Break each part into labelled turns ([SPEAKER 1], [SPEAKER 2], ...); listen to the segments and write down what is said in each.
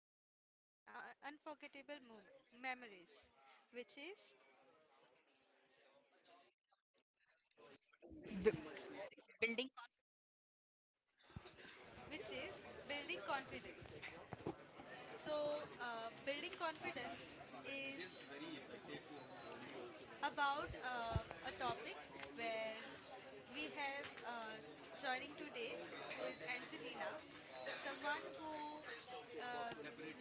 [SPEAKER 1] curiosity, and unforgettable memories, which is
[SPEAKER 2] b- Building.
[SPEAKER 1] which is building confidence. So, building confidence is about a topic where we have joining today who is Angelina, someone who uh,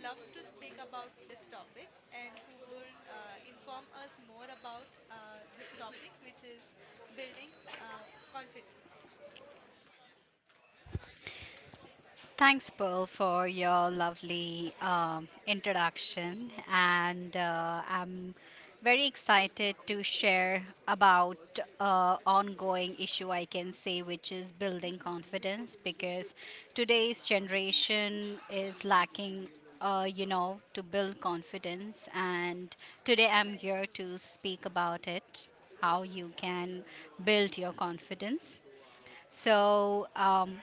[SPEAKER 1] loves to speak about this topic and who would inform us more about this topic, which is building confidence.
[SPEAKER 2] Thanks, Pearl, for your lovely introduction, and I'm very excited to share about ongoing issue I can say, which is building confidence, because today's generation is lacking. You know, to build confidence, and today I'm
[SPEAKER 1] Very
[SPEAKER 2] here
[SPEAKER 1] true.
[SPEAKER 2] to speak about it how you can build your confidence. So, um,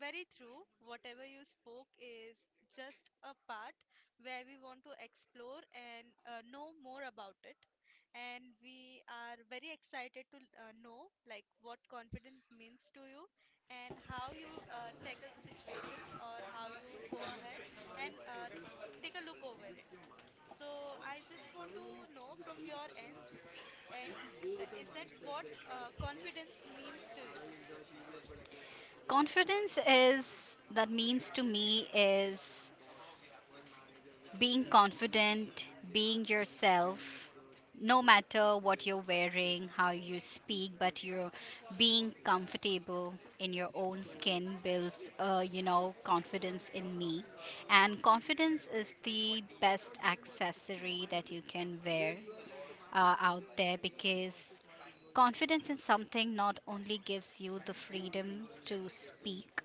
[SPEAKER 1] Very true. Whatever you spoke is just a part where we want to explore and know more about it. And we are very excited to know, like, what confidence means to you and how you tackle the situations or how you go ahead and take a look over it. So I just want to know from your ends, and is that what confidence means to you?
[SPEAKER 2] Confidence is, that means to me, is being confident, being yourself, no matter what you're wearing, how you speak, but you're being comfortable in your own skin builds, you know, confidence in me. And confidence is the best accessory that you can wear out there because confidence in something not only gives you the freedom to speak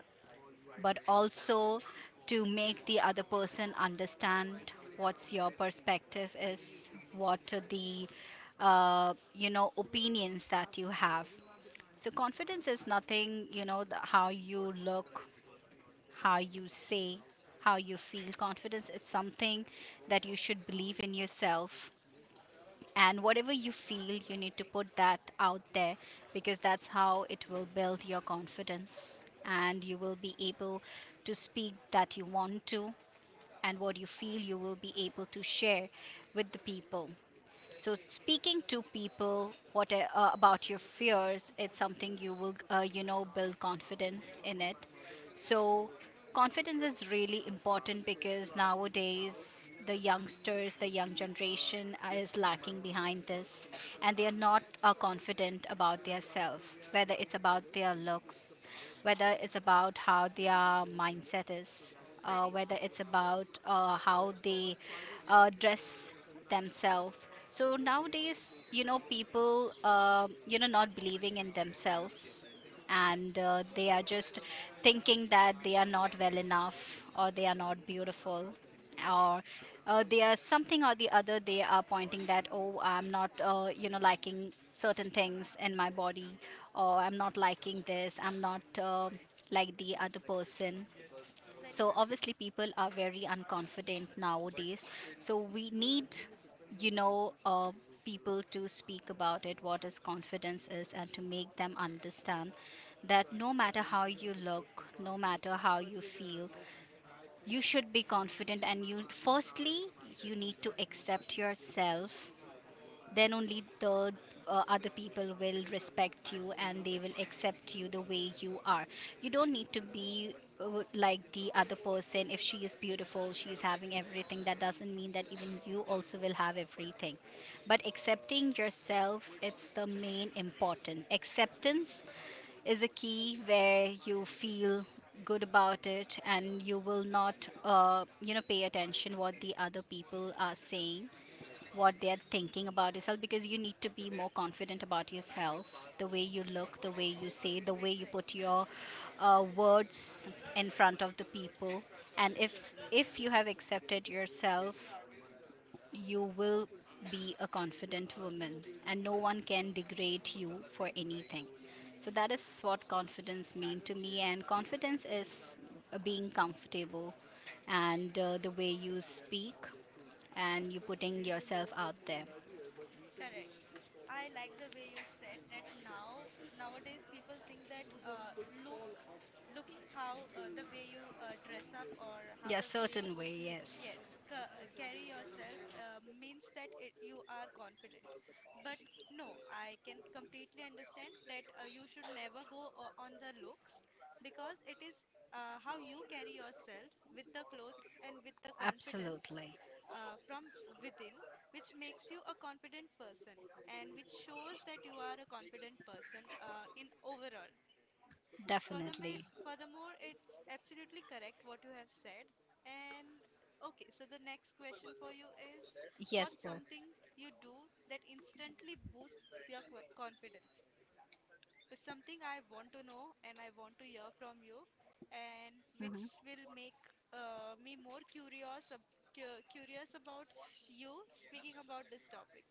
[SPEAKER 2] but also to make the other person understand what's your perspective is, what are the you know opinions that you have. So confidence is nothing you know the, how you look, how you say, how you feel. Confidence is something that you should believe in yourself and whatever you feel you need to put that out there because that's how it will build your confidence and you will be able to speak that you want to and what you feel you will be able to share with the people so speaking to people what about your fears, it's something you will you know build confidence in it. So confidence is really important because nowadays the youngsters, the young generation is lacking behind this, and they are not confident about their self, whether it's about their looks, whether it's about how their mindset is.
[SPEAKER 1] Very
[SPEAKER 2] Whether
[SPEAKER 1] true.
[SPEAKER 2] it's about how they dress themselves so nowadays, you know, people, you know, not believing in themselves and they are just thinking that they are not well enough or they are not beautiful or
[SPEAKER 1] Correct.
[SPEAKER 2] they are something or the other they are pointing that oh I'm not you know liking certain things in my body or I'm not liking this I'm not like the other person
[SPEAKER 1] Very
[SPEAKER 2] so
[SPEAKER 1] true.
[SPEAKER 2] obviously people are very unconfident nowadays. So we need, you know, people to speak about it, what is confidence is, and to make them understand that no matter how you look, no matter how you feel, you should be confident. And you firstly you need to accept yourself then only the other people will respect you and they will accept you the way you are you don't need to be like the other person. If she is beautiful she is having everything that doesn't mean that even you also will have everything but accepting yourself it's the main important. Acceptance is a key where you feel good about it and you will not you know pay attention what the other people are saying what they're thinking about yourself because you need to be more confident about yourself, the way you look, the way you say, the way you put
[SPEAKER 1] Exactly.
[SPEAKER 2] your words
[SPEAKER 1] Yes.
[SPEAKER 2] in front of the people. And if you have accepted yourself you will be a confident woman and no one can degrade you for anything. So that is what confidence mean to me, and confidence is being comfortable and the way you speak and you putting yourself out there.
[SPEAKER 1] Correct. I like the way you said that now nowadays people think that look looking how, the way you dress up or how
[SPEAKER 2] Yeah,
[SPEAKER 1] the way
[SPEAKER 2] certain
[SPEAKER 1] you,
[SPEAKER 2] way. Yes,
[SPEAKER 1] yes, carry yourself means that it, you are confident. But no, I can completely understand that you should never go on the looks because it is how you carry yourself with the clothes and with the confidence
[SPEAKER 2] absolutely,
[SPEAKER 1] from within, which makes you a confident person and which shows that you are a confident person in overall. Furthermore,
[SPEAKER 2] definitely.
[SPEAKER 1] furthermore, it's absolutely correct what you have said. And okay, so the next question for you is,
[SPEAKER 2] Yes,
[SPEAKER 1] what's
[SPEAKER 2] bro.
[SPEAKER 1] something you do that instantly boosts your confidence? It's something I want to know and I want to hear from you, and which
[SPEAKER 2] Hmm.
[SPEAKER 1] will make me more curious, curious about you speaking about this topic.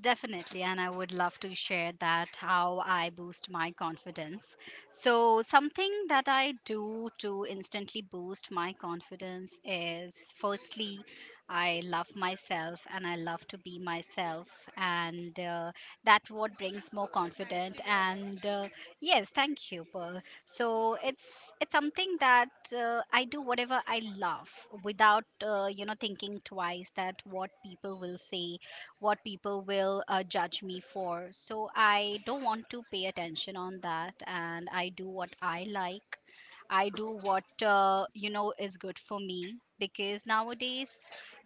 [SPEAKER 2] Definitely, and I would love to share that how I boost my confidence. So, something that I do to instantly boost my confidence is firstly, I love myself and I love to be myself, and that what brings more
[SPEAKER 1] Nice to
[SPEAKER 2] confident.
[SPEAKER 1] hear that.
[SPEAKER 2] And Yes, thank you, Pearl. So it's something that I do whatever I love without you know thinking twice that what people will say, what people will judge me for, so I don't want to pay attention on that and I do what I like. I do what you know is good for me, because nowadays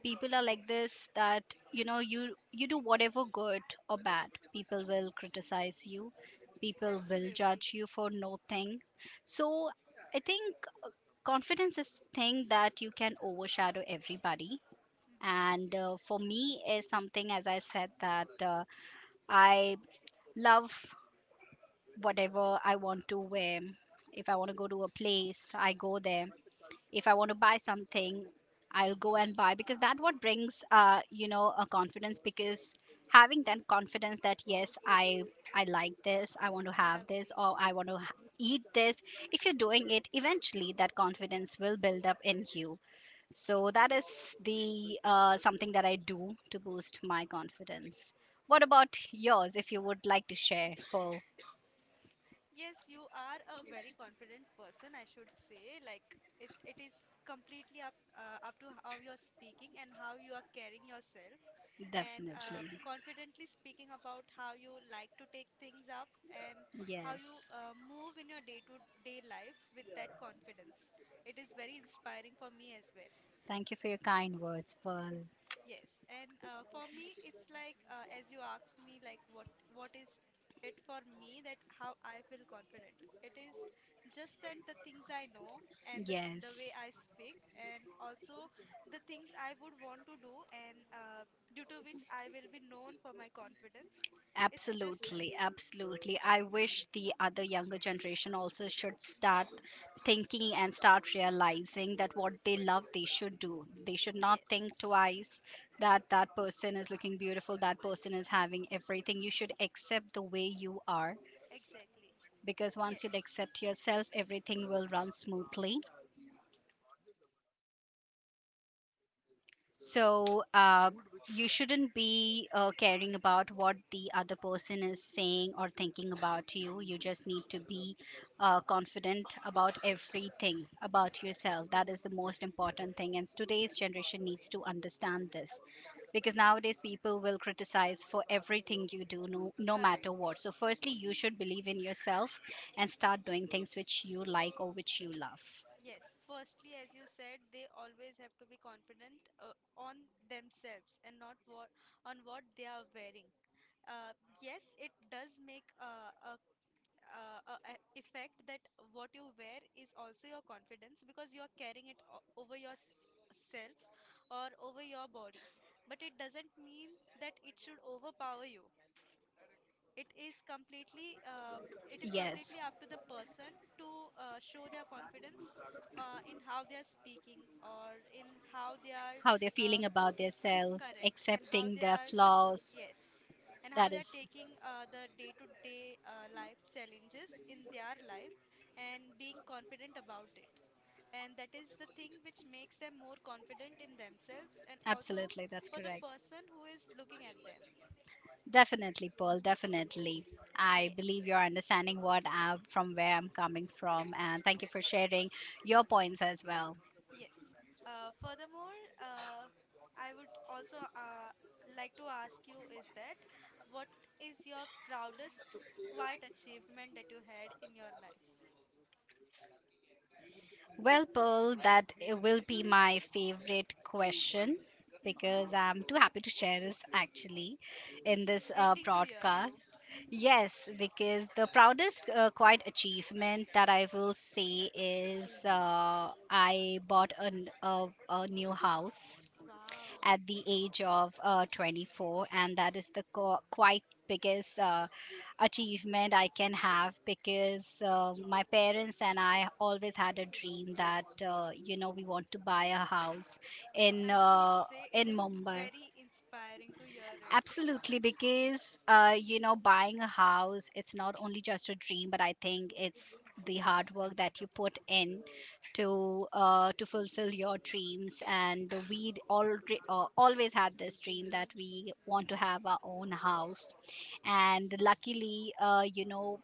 [SPEAKER 2] people are like this that you know you do whatever good or bad people will criticize you, people will
[SPEAKER 1] Absolutely.
[SPEAKER 2] judge you for no thing. So I think confidence is thing that you can overshadow everybody.
[SPEAKER 1] Hmm.
[SPEAKER 2] And for me is something as I said that I love whatever I want to wear. If I want to go to a place I go there, if I want to buy something I'll go and buy, because that what brings you know a confidence, because having that confidence that yes I like this, I want to have this,
[SPEAKER 1] Lovely.
[SPEAKER 2] or I want to eat this. If you're doing it eventually that confidence will build up in you. So that is the something that I do to boost my confidence. What about yours? If you would like to share, Pearl,
[SPEAKER 1] Yes, you are a very confident person, I should say. Like, it is completely up to how you're speaking and how you are carrying yourself, and
[SPEAKER 2] definitely.
[SPEAKER 1] confidently speaking about how you like to take things up and how you
[SPEAKER 2] Yes.
[SPEAKER 1] move in your day-to-day life with that confidence. It is very inspiring for me as well.
[SPEAKER 2] Thank you for your kind words, Pearl.
[SPEAKER 1] Yes, and for me, it's like, as you asked me, like, what is it for me, that how I feel confident. It is just that the things I know and the way
[SPEAKER 2] Yes.
[SPEAKER 1] I speak, and also the things I would want to do, and due to which I will be known for my confidence. It's just that.
[SPEAKER 2] Absolutely, absolutely. I wish the other younger generation also should start thinking and start realizing that what they love they should do. They should not
[SPEAKER 1] Yes,
[SPEAKER 2] think twice that that person is looking beautiful, that person is having everything. You should accept the way you are
[SPEAKER 1] exactly.
[SPEAKER 2] because once you
[SPEAKER 1] Yes,
[SPEAKER 2] accept yourself, everything will run smoothly. So you shouldn't be caring about what the other person is saying or thinking about you. You just need to be confident about everything about yourself. That is the most important thing. And today's generation needs to understand this because nowadays people will criticize for everything you do, no, no matter
[SPEAKER 1] correct.
[SPEAKER 2] what. So, firstly, you should believe in yourself and start doing things which you like or which you love.
[SPEAKER 1] Yes, firstly, as you said, they always have to be confident on themselves and not what on what they are wearing. Yes, it does make a effect that what you wear is also your confidence because you are carrying it over yourself or over your body. But it doesn't mean that it should overpower you. It is completely uh, it is
[SPEAKER 2] Yes.
[SPEAKER 1] completely up to the person to show their confidence in how they are speaking or in how they are,
[SPEAKER 2] How they're
[SPEAKER 1] uh,
[SPEAKER 2] feeling about their self,
[SPEAKER 1] correct, and how
[SPEAKER 2] accepting
[SPEAKER 1] they
[SPEAKER 2] their
[SPEAKER 1] are,
[SPEAKER 2] flaws.
[SPEAKER 1] yes, and how
[SPEAKER 2] That
[SPEAKER 1] they are
[SPEAKER 2] is
[SPEAKER 1] taking the day to day life challenges in their life and being confident about it, and that is the thing which makes them more confident in themselves and also
[SPEAKER 2] absolutely that's
[SPEAKER 1] for the
[SPEAKER 2] correct.
[SPEAKER 1] person who is looking at them.
[SPEAKER 2] Definitely, Paul. Definitely. I
[SPEAKER 1] Yes.
[SPEAKER 2] believe you're understanding what I, from where I'm coming from, and thank you for sharing your points as well.
[SPEAKER 1] Yes. Furthermore, I would also like to ask you, is that what is your proudest quiet achievement that you had in your life?
[SPEAKER 2] Well, Pearl, that it will be my favorite question
[SPEAKER 1] Hmm.
[SPEAKER 2] because I'm too happy to share this actually in this
[SPEAKER 1] Waiting to hear
[SPEAKER 2] broadcast.
[SPEAKER 1] you.
[SPEAKER 2] Yes, because the proudest quite achievement that I will say is I bought a new house
[SPEAKER 1] Wow.
[SPEAKER 2] at the age of 24, and that is the quite biggest achievement I can have because my parents and I always had a dream that you know we want to buy a house in
[SPEAKER 1] I should
[SPEAKER 2] uh,
[SPEAKER 1] say
[SPEAKER 2] in
[SPEAKER 1] it is
[SPEAKER 2] Mumbai.
[SPEAKER 1] very inspiring to hear it.
[SPEAKER 2] Absolutely, because you know, buying a house, it's not only just a dream, but I think it's the hard work that you put in to fulfill your dreams. And we all always had this dream that we want to have our own house, and
[SPEAKER 1] So sweet.
[SPEAKER 2] luckily, you know,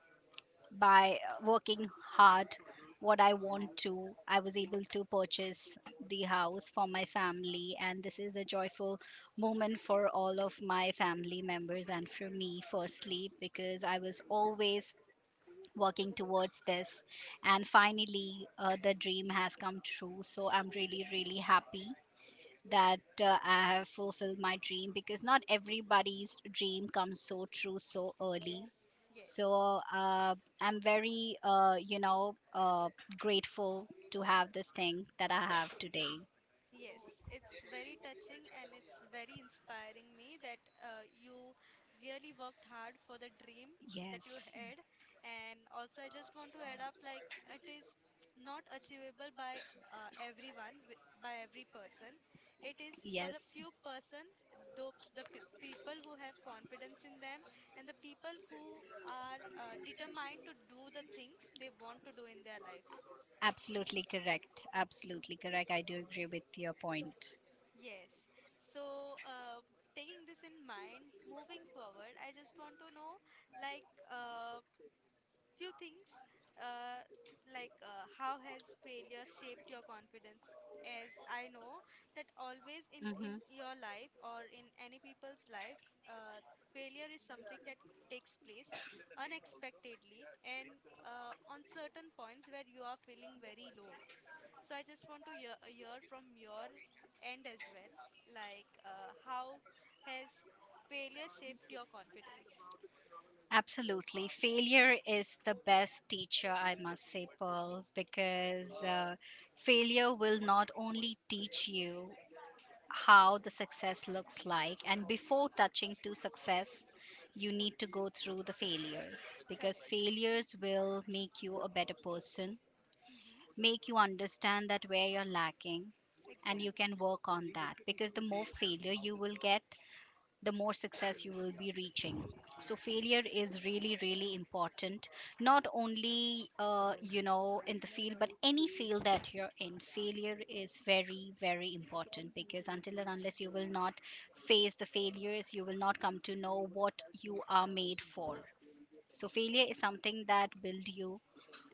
[SPEAKER 2] by working hard what I want to I was able to purchase the house for my family. And this is a joyful moment for all of my family members and for me firstly because I was always working towards this, and finally the dream has come true. So I'm really really happy that I have fulfilled my dream because not everybody's dream comes so true so early.
[SPEAKER 1] Yes. Yes.
[SPEAKER 2] So I'm very, you know, grateful to have this thing that I have today.
[SPEAKER 1] Yes, it's very touching and it's very inspiring me that you really worked hard for the dream that you
[SPEAKER 2] Yes,
[SPEAKER 1] had. And also, I just want to add up, like, it is not achievable by everyone, by every person. It is for the
[SPEAKER 2] yes,
[SPEAKER 1] few person, though the pe people who have confidence in them and the people who are determined to do the things they want to do in their life.
[SPEAKER 2] absolutely correct. Absolutely correct. I do agree with your point.
[SPEAKER 1] Yes. So, taking this in mind, moving forward, I just want to know, like, few things, uh, like, how has failure shaped your confidence? As I know that always in
[SPEAKER 2] Mm-hmm.
[SPEAKER 1] in your life or in any people's life, failure is something that takes place unexpectedly and on certain points where you are feeling very low. So I just want to hear from your end as well, like, how has failure shaped your confidence?
[SPEAKER 2] Absolutely. Failure is the best teacher, I must say, Pearl, because failure will not only teach you how the success looks like, and before touching to success you need to go through the failures because
[SPEAKER 1] Correct.
[SPEAKER 2] failures will make you a better person,
[SPEAKER 1] Mm-hmm.
[SPEAKER 2] make you understand that where you're lacking and you
[SPEAKER 1] Exactly.
[SPEAKER 2] can work on that because the more failure you will get the more success you will be reaching. So failure is really really important, not only you know in the field but any field that you're in, failure is very very important because until and unless you will not face the failures you will not come to know what you are made for. So failure is something that build you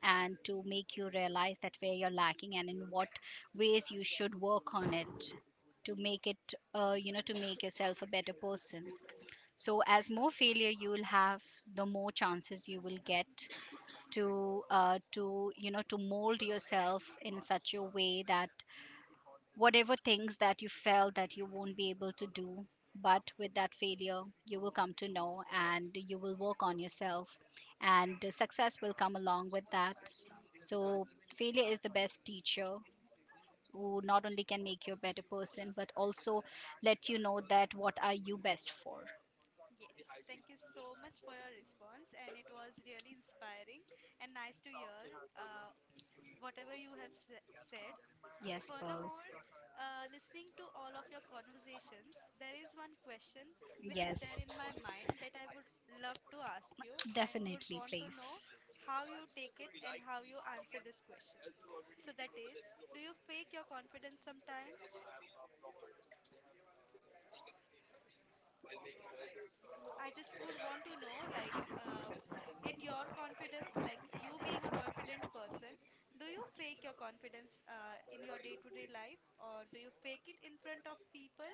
[SPEAKER 2] and to make you realize that where you're lacking and in what ways you should work on it to make it you know to make yourself a better person. So as more failure you will have the more chances you will get to you know to mold yourself in such a way that whatever things that you felt that you won't be able to do but with that failure you will come to know and you will work on yourself and the success will come along with that. So failure is the best teacher who not only can make you a better person but also let you know that what are you best for.
[SPEAKER 1] Yes, thank you so much for your response, and it was really inspiring and nice to hear uh, whatever you have s said.
[SPEAKER 2] Yes, Pearl.
[SPEAKER 1] Furthermore, listening to all of your conversations, there is one question which is
[SPEAKER 2] Yes.
[SPEAKER 1] there in my mind that I would love to ask you and would
[SPEAKER 2] Definitely,
[SPEAKER 1] want to
[SPEAKER 2] please.
[SPEAKER 1] know how you take it and how you answer this question. So that is, do you fake your confidence sometimes? I just would want to know, like, in your confidence, like, you being a confident person, do you fake your confidence in your day-to-day life, or do you fake it in front of people?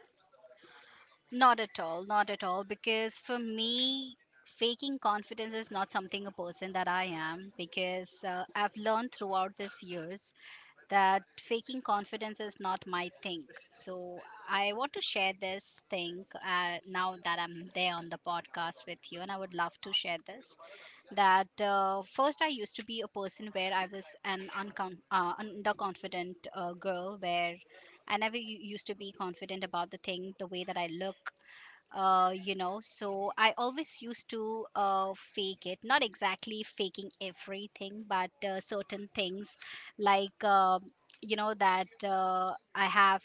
[SPEAKER 2] Not at all, not at all. Because for me, faking confidence is not something a person that I am. Because I've learned throughout these years that faking confidence is not my thing. So I want to share this thing now that I'm there on the podcast with you, and I would love to share this. That First I used to be a person where I was an underconfident girl where I never used to be confident about the thing, the way that I look, So I always used to fake it, not exactly faking everything, but certain things like. You know that I have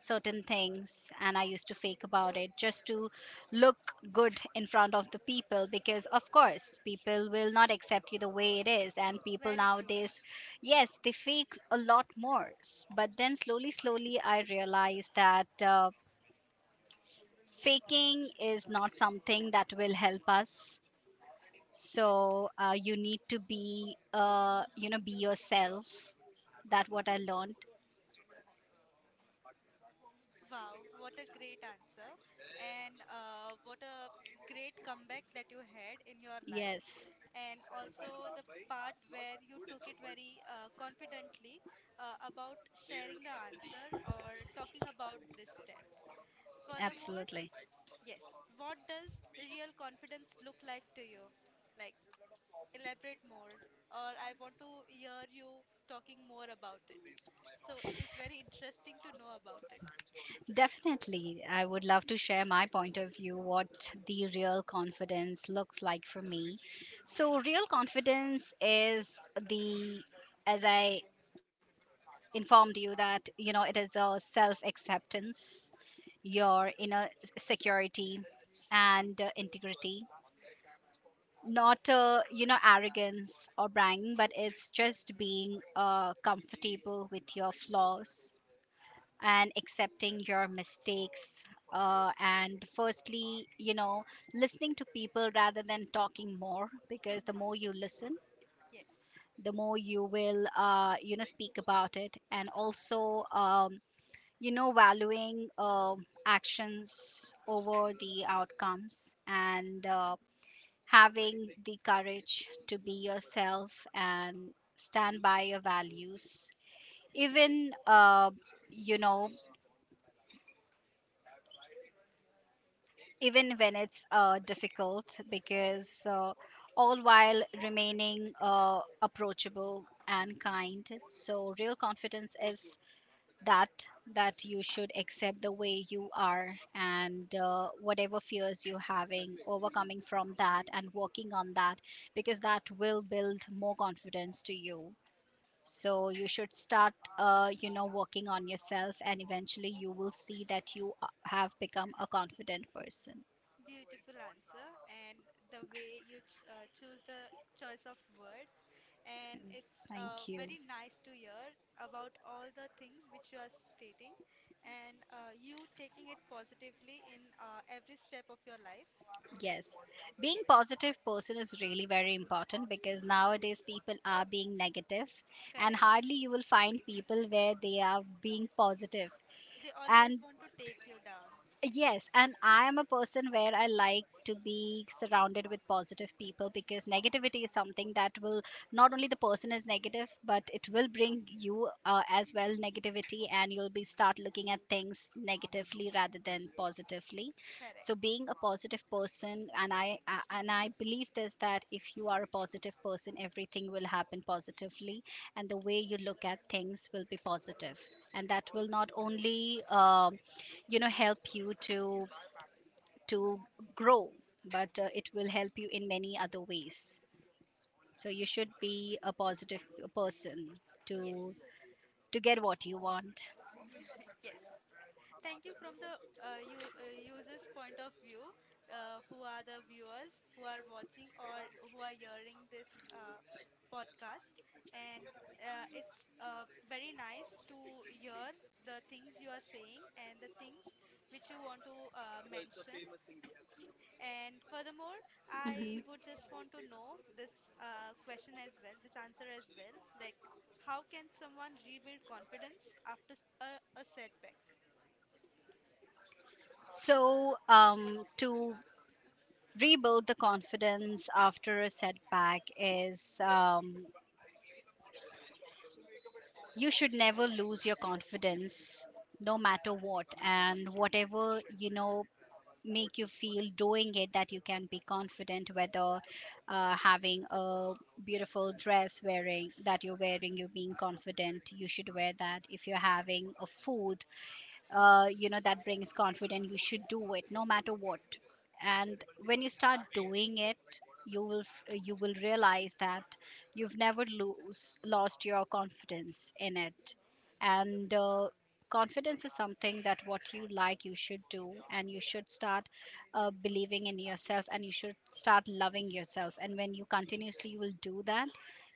[SPEAKER 2] certain things, and I used to fake about it just to look good in front of the people, because of course people will not accept you the way it is, and people
[SPEAKER 1] Very true.
[SPEAKER 2] nowadays, yes, they fake a lot more. But then slowly slowly I realized that faking is not something that will help us. So you need to be be yourself. That what I learned.
[SPEAKER 1] Wow, what a great answer, and what a great comeback that you had in your life,
[SPEAKER 2] Yes,
[SPEAKER 1] and also the part where you took it very confidently about sharing the answer or talking about this step. Furthermore,
[SPEAKER 2] absolutely.
[SPEAKER 1] yes, what does real confidence look like to you? Like, elaborate more, or I want to hear you talking more about it. So, it is very interesting to know about it.
[SPEAKER 2] Definitely. I would love to share my point of view, what the real confidence looks like for me. So, real confidence is the, as I informed you, that, you know, it is a self acceptance, your inner security, and integrity. Not, you know, arrogance or bragging, but it's just being comfortable with your flaws and accepting your mistakes, and firstly, you know, listening to people rather than talking more, because the
[SPEAKER 1] Mm-hmm.
[SPEAKER 2] more you listen,
[SPEAKER 1] Yes,
[SPEAKER 2] the more you will speak about it. And also, valuing actions over the outcomes, and having the courage to be yourself and stand by your values, even you know even when it's difficult, because all while remaining approachable and kind. So real confidence is that, that you should accept the way you are, and whatever fears you're having, overcoming from that and working on that, because that will build more confidence to you. So you should start working on yourself, and eventually you will see that you have become a confident person.
[SPEAKER 1] beautiful answer, and the way you ch choose the choice of words, and
[SPEAKER 2] Yes,
[SPEAKER 1] it's
[SPEAKER 2] thank you.
[SPEAKER 1] very nice to hear about all the things which you are stating, and you taking it positively in every step of your life.
[SPEAKER 2] Yes. Being
[SPEAKER 1] Yes,
[SPEAKER 2] positive person is really very important, because nowadays people are being negative, and
[SPEAKER 1] correct.
[SPEAKER 2] hardly you will find people where they are being positive positive.
[SPEAKER 1] They always
[SPEAKER 2] And
[SPEAKER 1] want to take you down.
[SPEAKER 2] yes, and I am a person where I like to be surrounded with positive people, because negativity is something that will, not only the person is negative, but it will bring you as well negativity, and you'll be start looking at things negatively rather than positively. So,
[SPEAKER 1] Correct.
[SPEAKER 2] being a positive person, and and I believe this, that if you are a positive person, everything will happen positively, and the way you look at things will be positive, and that will not only help you to to grow, but it will help you in many other ways. So you should be a positive person
[SPEAKER 1] Yes.
[SPEAKER 2] to get what you want.
[SPEAKER 1] Yes. Pra- Thank you from the user's point of view, who are the viewers who are watching or who are hearing this podcast. And it's very nice to hear the things you are saying and the things which you want to mention. And furthermore,
[SPEAKER 2] Hmm.
[SPEAKER 1] I would just want to know this question as well, this answer as well. Like, how can someone rebuild confidence after a setback?
[SPEAKER 2] So, to rebuild the confidence after a setback is, um you should never lose your confidence no matter what, and whatever, you know, make you feel doing it, that you can be confident. Whether having a beautiful dress wearing, that you're wearing, you're being confident, you should wear that. If you're having a food that brings confidence, you should do it no matter what. And when you start doing it, you will you will realize that you've never lose lost your confidence in it. And confidence is something that what you like you should do, and you should start believing in yourself, and you should start loving yourself, and when you continuously will do that,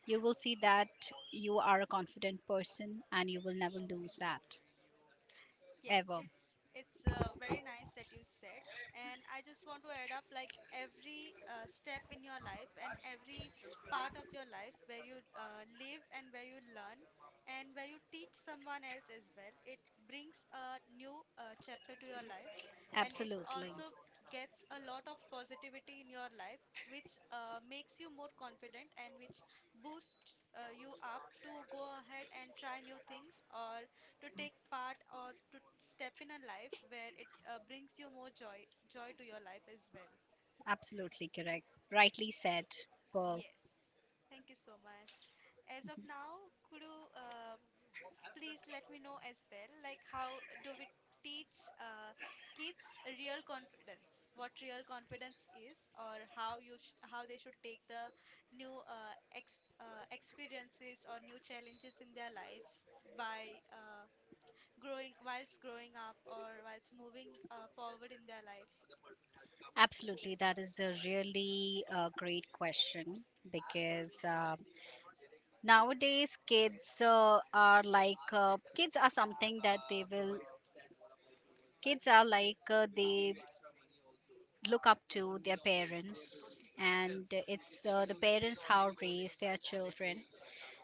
[SPEAKER 2] you will see that you are a confident person, and you will never lose that
[SPEAKER 1] Yes,
[SPEAKER 2] ever.
[SPEAKER 1] it's very nice that you said, and I just want to add up, like, every step in your life and every part of your life where you live and where you learn and where you teach someone else as well. It brings a new chapter to your life, and it
[SPEAKER 2] Absolutely.
[SPEAKER 1] also gets a lot of positivity in your life, which makes you more confident and which boosts you up to go ahead and try new things, or to take part, or to step in a life where it brings you more joy to your life as well.
[SPEAKER 2] Absolutely correct. Rightly said. Well,
[SPEAKER 1] Yes, thank you so much. As of now, could you please let me know as well, like, how do we teach kids real confidence, what real confidence is, or how you how they should take the new experiences or new challenges in their life by growing, whilst growing up or whilst moving forward in their life.
[SPEAKER 2] absolutely. That is a really great question, because nowadays kids are something that they will, they look up to their parents, and it's the parents how raise their children.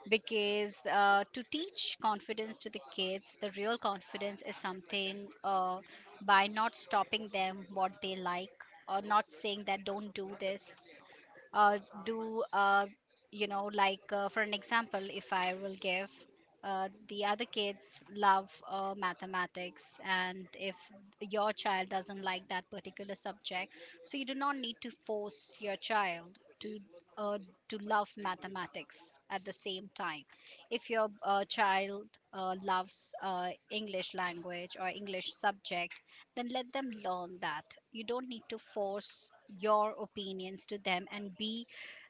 [SPEAKER 2] Because to teach confidence to the kids, the real confidence is something, by not stopping them what they like, or not saying that don't do this. Uh, do you know Like, for an example, if I will give, the other kids love mathematics, and if your child doesn't like that particular subject, so you do not need to force your child uh, to love mathematics. At the same time, if your child loves english language or english subject, then let them learn that. You don't need to force your opinions to them, and be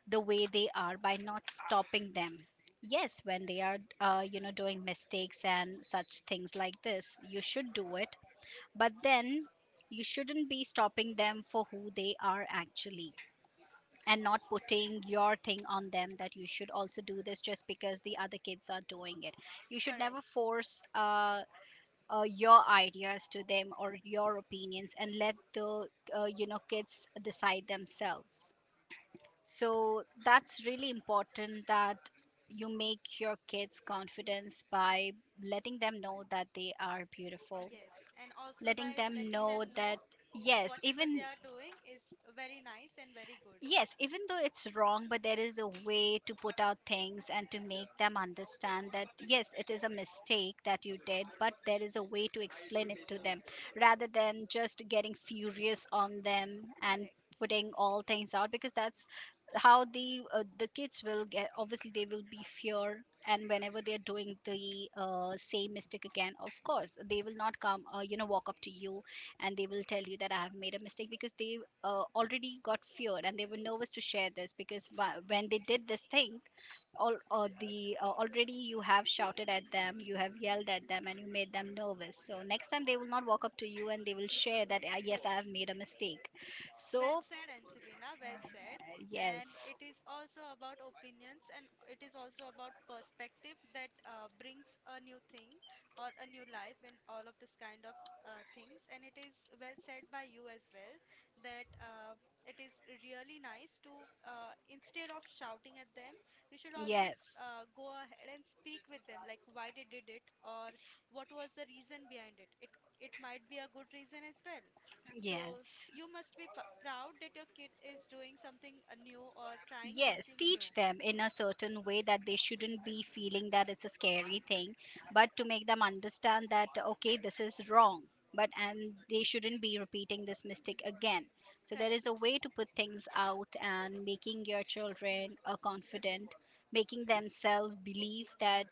[SPEAKER 2] the way they are, by not stopping them. Yes, when they are doing mistakes and such things like this, you should do it, but then you shouldn't be stopping them for who they are actually, and not putting your thing on them that you should also do this just because the other kids are doing it. You should never
[SPEAKER 1] Correct.
[SPEAKER 2] force your ideas to them or your opinions, and let the kids decide themselves. So that's really important, that you make your kids confidence by letting them know that they are beautiful.
[SPEAKER 1] Yes, and also
[SPEAKER 2] Letting
[SPEAKER 1] by
[SPEAKER 2] them
[SPEAKER 1] letting
[SPEAKER 2] know
[SPEAKER 1] them
[SPEAKER 2] that,
[SPEAKER 1] know
[SPEAKER 2] yes,
[SPEAKER 1] whatever they
[SPEAKER 2] even.
[SPEAKER 1] are doing is very nice and very good.
[SPEAKER 2] Yes, even though it's wrong, but there is a way to put out things and to make them understand that, yes, it is a mistake that you did, but there is a way to explain it to them, rather than just getting furious on them and
[SPEAKER 1] Correct.
[SPEAKER 2] putting all things out. Because that's how the kids will get, obviously they will be fear, and whenever they are doing the same mistake again, of course they will not come walk up to you and they will tell you that I have made a mistake, because they already got feared, and they were nervous to share this, because when they did this thing, all or the already you have shouted at them, you have yelled at them, and you made them nervous. So next time they will not walk up to you and they will share that, yes, I have made
[SPEAKER 1] Correct.
[SPEAKER 2] a mistake.
[SPEAKER 1] Well
[SPEAKER 2] So
[SPEAKER 1] said, Angelina. Well said.
[SPEAKER 2] yes,
[SPEAKER 1] And it is also about opinions and it is also about perspective that brings a new thing or a new life in all of this kind of things. And it is well said by you as well that it is really nice, instead of shouting at them, you should always
[SPEAKER 2] yes,
[SPEAKER 1] go ahead and speak with them, like, why they did it or what was the reason behind it. It might be a good reason as well. So
[SPEAKER 2] yes.
[SPEAKER 1] you must be proud that your kid is doing something new or trying
[SPEAKER 2] Yes,
[SPEAKER 1] something new.
[SPEAKER 2] teach them in a certain way that they shouldn't be feeling that it's a scary thing, but to make them understand that, okay, this is wrong, but and they shouldn't be repeating this mistake again. So there is a
[SPEAKER 1] Correct.
[SPEAKER 2] way to put things out and making your children confident, making themselves believe that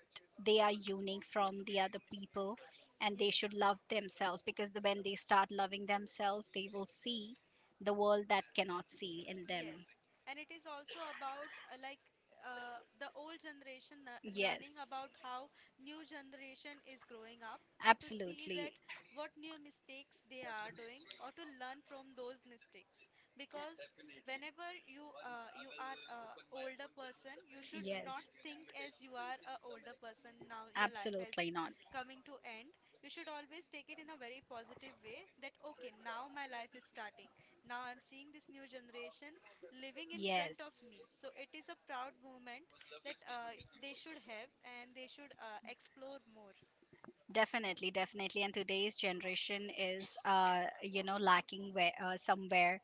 [SPEAKER 2] they are unique from the other people, and they
[SPEAKER 1] Yes.
[SPEAKER 2] should love themselves, because the, when they start loving themselves, they will see the world that cannot see in them.
[SPEAKER 1] Yes, and it is also about, like, the old generation learning
[SPEAKER 2] Yes.
[SPEAKER 1] about how new generation is growing up and to see
[SPEAKER 2] Absolutely.
[SPEAKER 1] that what new mistakes they are doing, or to learn from those mistakes, because whenever you are a older person, you should not
[SPEAKER 2] Yes.
[SPEAKER 1] think as you are a older person now your life has
[SPEAKER 2] Absolutely not.
[SPEAKER 1] coming to end. You should always take it in a very positive way, that okay, now my life is starting, now I'm seeing this new generation living in front
[SPEAKER 2] Yes.
[SPEAKER 1] of me. So it is a proud moment that they should have, and they should explore more.
[SPEAKER 2] Definitely, definitely. And today's generation is, you know, lacking where, somewhere,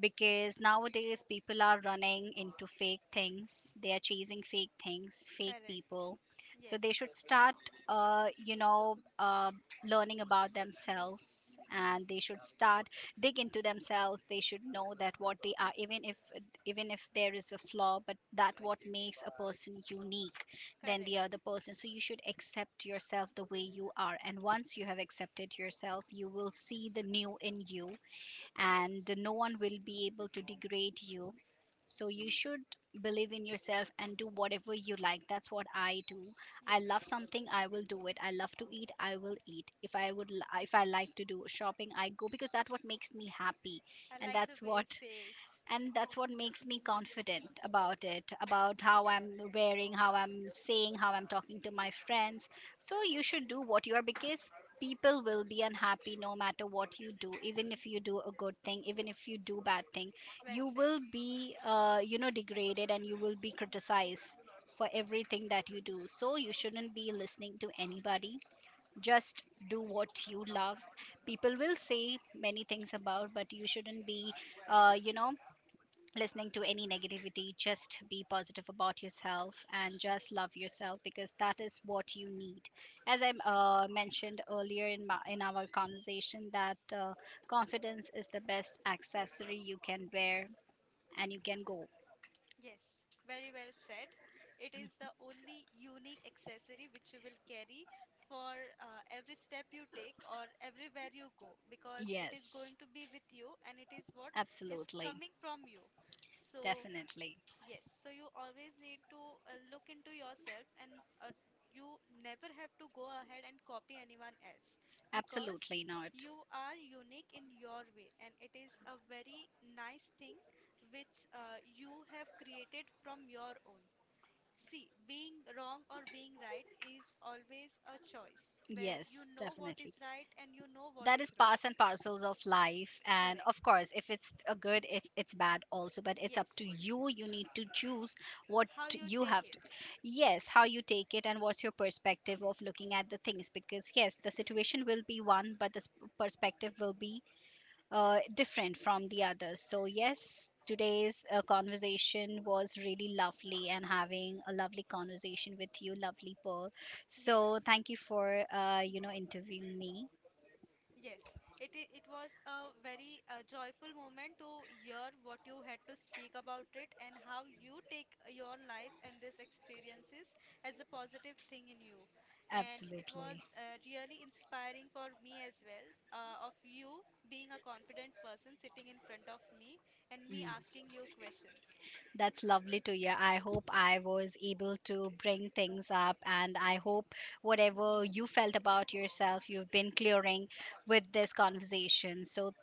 [SPEAKER 2] because nowadays people are running into fake things. They are chasing fake things, fake
[SPEAKER 1] Correct.
[SPEAKER 2] people. So they should
[SPEAKER 1] Yes.
[SPEAKER 2] start, uh, you know, uh, learning about themselves, and they should start dig into themselves. They should know that what they are, even if, even if there is a flaw, but that what makes a person unique than the other
[SPEAKER 1] Correct.
[SPEAKER 2] person. So you should accept yourself the way you are. And once you have accepted yourself, you will see the new in you, and
[SPEAKER 1] Yes.
[SPEAKER 2] no one will be able to degrade you. So you should believe in yourself and do whatever you like. That's what I do. I
[SPEAKER 1] Yes.
[SPEAKER 2] love something, I will do it. I love to eat, I will eat. If I would, if I
[SPEAKER 1] Yes.
[SPEAKER 2] like to do shopping, I go, because that's what makes me happy,
[SPEAKER 1] I
[SPEAKER 2] and
[SPEAKER 1] like the
[SPEAKER 2] that's
[SPEAKER 1] way you
[SPEAKER 2] what,
[SPEAKER 1] say it.
[SPEAKER 2] and that's what makes me confident about it, about how I'm wearing, how I'm saying, how I'm talking to my friends. So you should do what you are, because people will be unhappy no matter what you do. Even if you do a good thing, even if you do bad thing,
[SPEAKER 1] Well
[SPEAKER 2] you
[SPEAKER 1] said.
[SPEAKER 2] will be degraded, and you will be criticized for everything that you do. So you shouldn't be listening to anybody, just do what you love. People will say many things about, but you shouldn't be uh, you know listening to any negativity. Just be positive about yourself and just love yourself, because that is what you need. As I mentioned earlier in my, in our conversation, that confidence is the best accessory you can wear and you can go.
[SPEAKER 1] Yes, very well said. It is the only unique accessory which you will carry for every step you take or everywhere you go, because it is
[SPEAKER 2] Yes,
[SPEAKER 1] going to be with you and it is what is
[SPEAKER 2] absolutely,
[SPEAKER 1] coming from you. So,
[SPEAKER 2] definitely,
[SPEAKER 1] yes, so you always need to look into yourself and you never have to go ahead and copy anyone else, because
[SPEAKER 2] absolutely not.
[SPEAKER 1] you are unique in your way, and it is a very nice thing which you have created from your own. See, being wrong or being right is always a choice where you
[SPEAKER 2] Yes,
[SPEAKER 1] know what
[SPEAKER 2] definitely.
[SPEAKER 1] is right and you know what
[SPEAKER 2] That is
[SPEAKER 1] is wrong.
[SPEAKER 2] parts and parcels of life, and of
[SPEAKER 1] Correct.
[SPEAKER 2] course if it's a good, if it's bad also, but it's up to
[SPEAKER 1] Yes.
[SPEAKER 2] you, you need to choose what
[SPEAKER 1] How you
[SPEAKER 2] you
[SPEAKER 1] take
[SPEAKER 2] have to.
[SPEAKER 1] it.
[SPEAKER 2] Yes,
[SPEAKER 1] Yes.
[SPEAKER 2] how you take it, and what's your perspective of looking at the things, because yes, the situation will be one, but the perspective will be different from the others. So yes, today's conversation was really lovely, and having a lovely conversation with you, lovely Pearl.
[SPEAKER 1] Yes.
[SPEAKER 2] So thank you for interviewing me.
[SPEAKER 1] Yes. Yes. It was a very joyful moment to hear what you had to speak about it and how you take your life and these experiences as a positive thing in you. And it
[SPEAKER 2] Absolutely.
[SPEAKER 1] was really inspiring for me as well, of you being a confident person sitting in front of me and me
[SPEAKER 2] Mm.
[SPEAKER 1] asking you questions.
[SPEAKER 2] That's lovely to hear. I hope I was able to bring things up, and I hope whatever you felt about yourself, you've been clearing with this conversation. So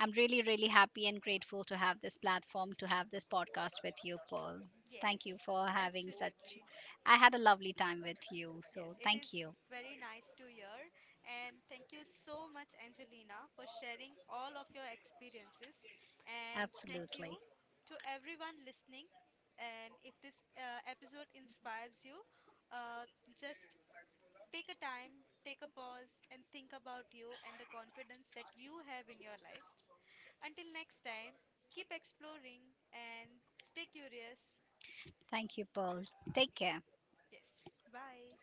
[SPEAKER 2] I'm really, really happy and grateful to have this platform, to have this podcast with you, Paul. Thank you
[SPEAKER 1] Yes,
[SPEAKER 2] for having such.
[SPEAKER 1] absolutely.
[SPEAKER 2] I had a lovely time with you. So
[SPEAKER 1] Yes, it is
[SPEAKER 2] thank you.
[SPEAKER 1] very nice to hear. And thank you so much, Angelina, for sharing all of your experiences. And thank you
[SPEAKER 2] Absolutely.
[SPEAKER 1] to everyone listening. And if this episode inspires you, uh, just take a time, take a pause, and think about you and the confidence that you have in your life. Until next time, keep exploring and stay curious.
[SPEAKER 2] Thank you, Paul. Take care.
[SPEAKER 1] Yes, bye.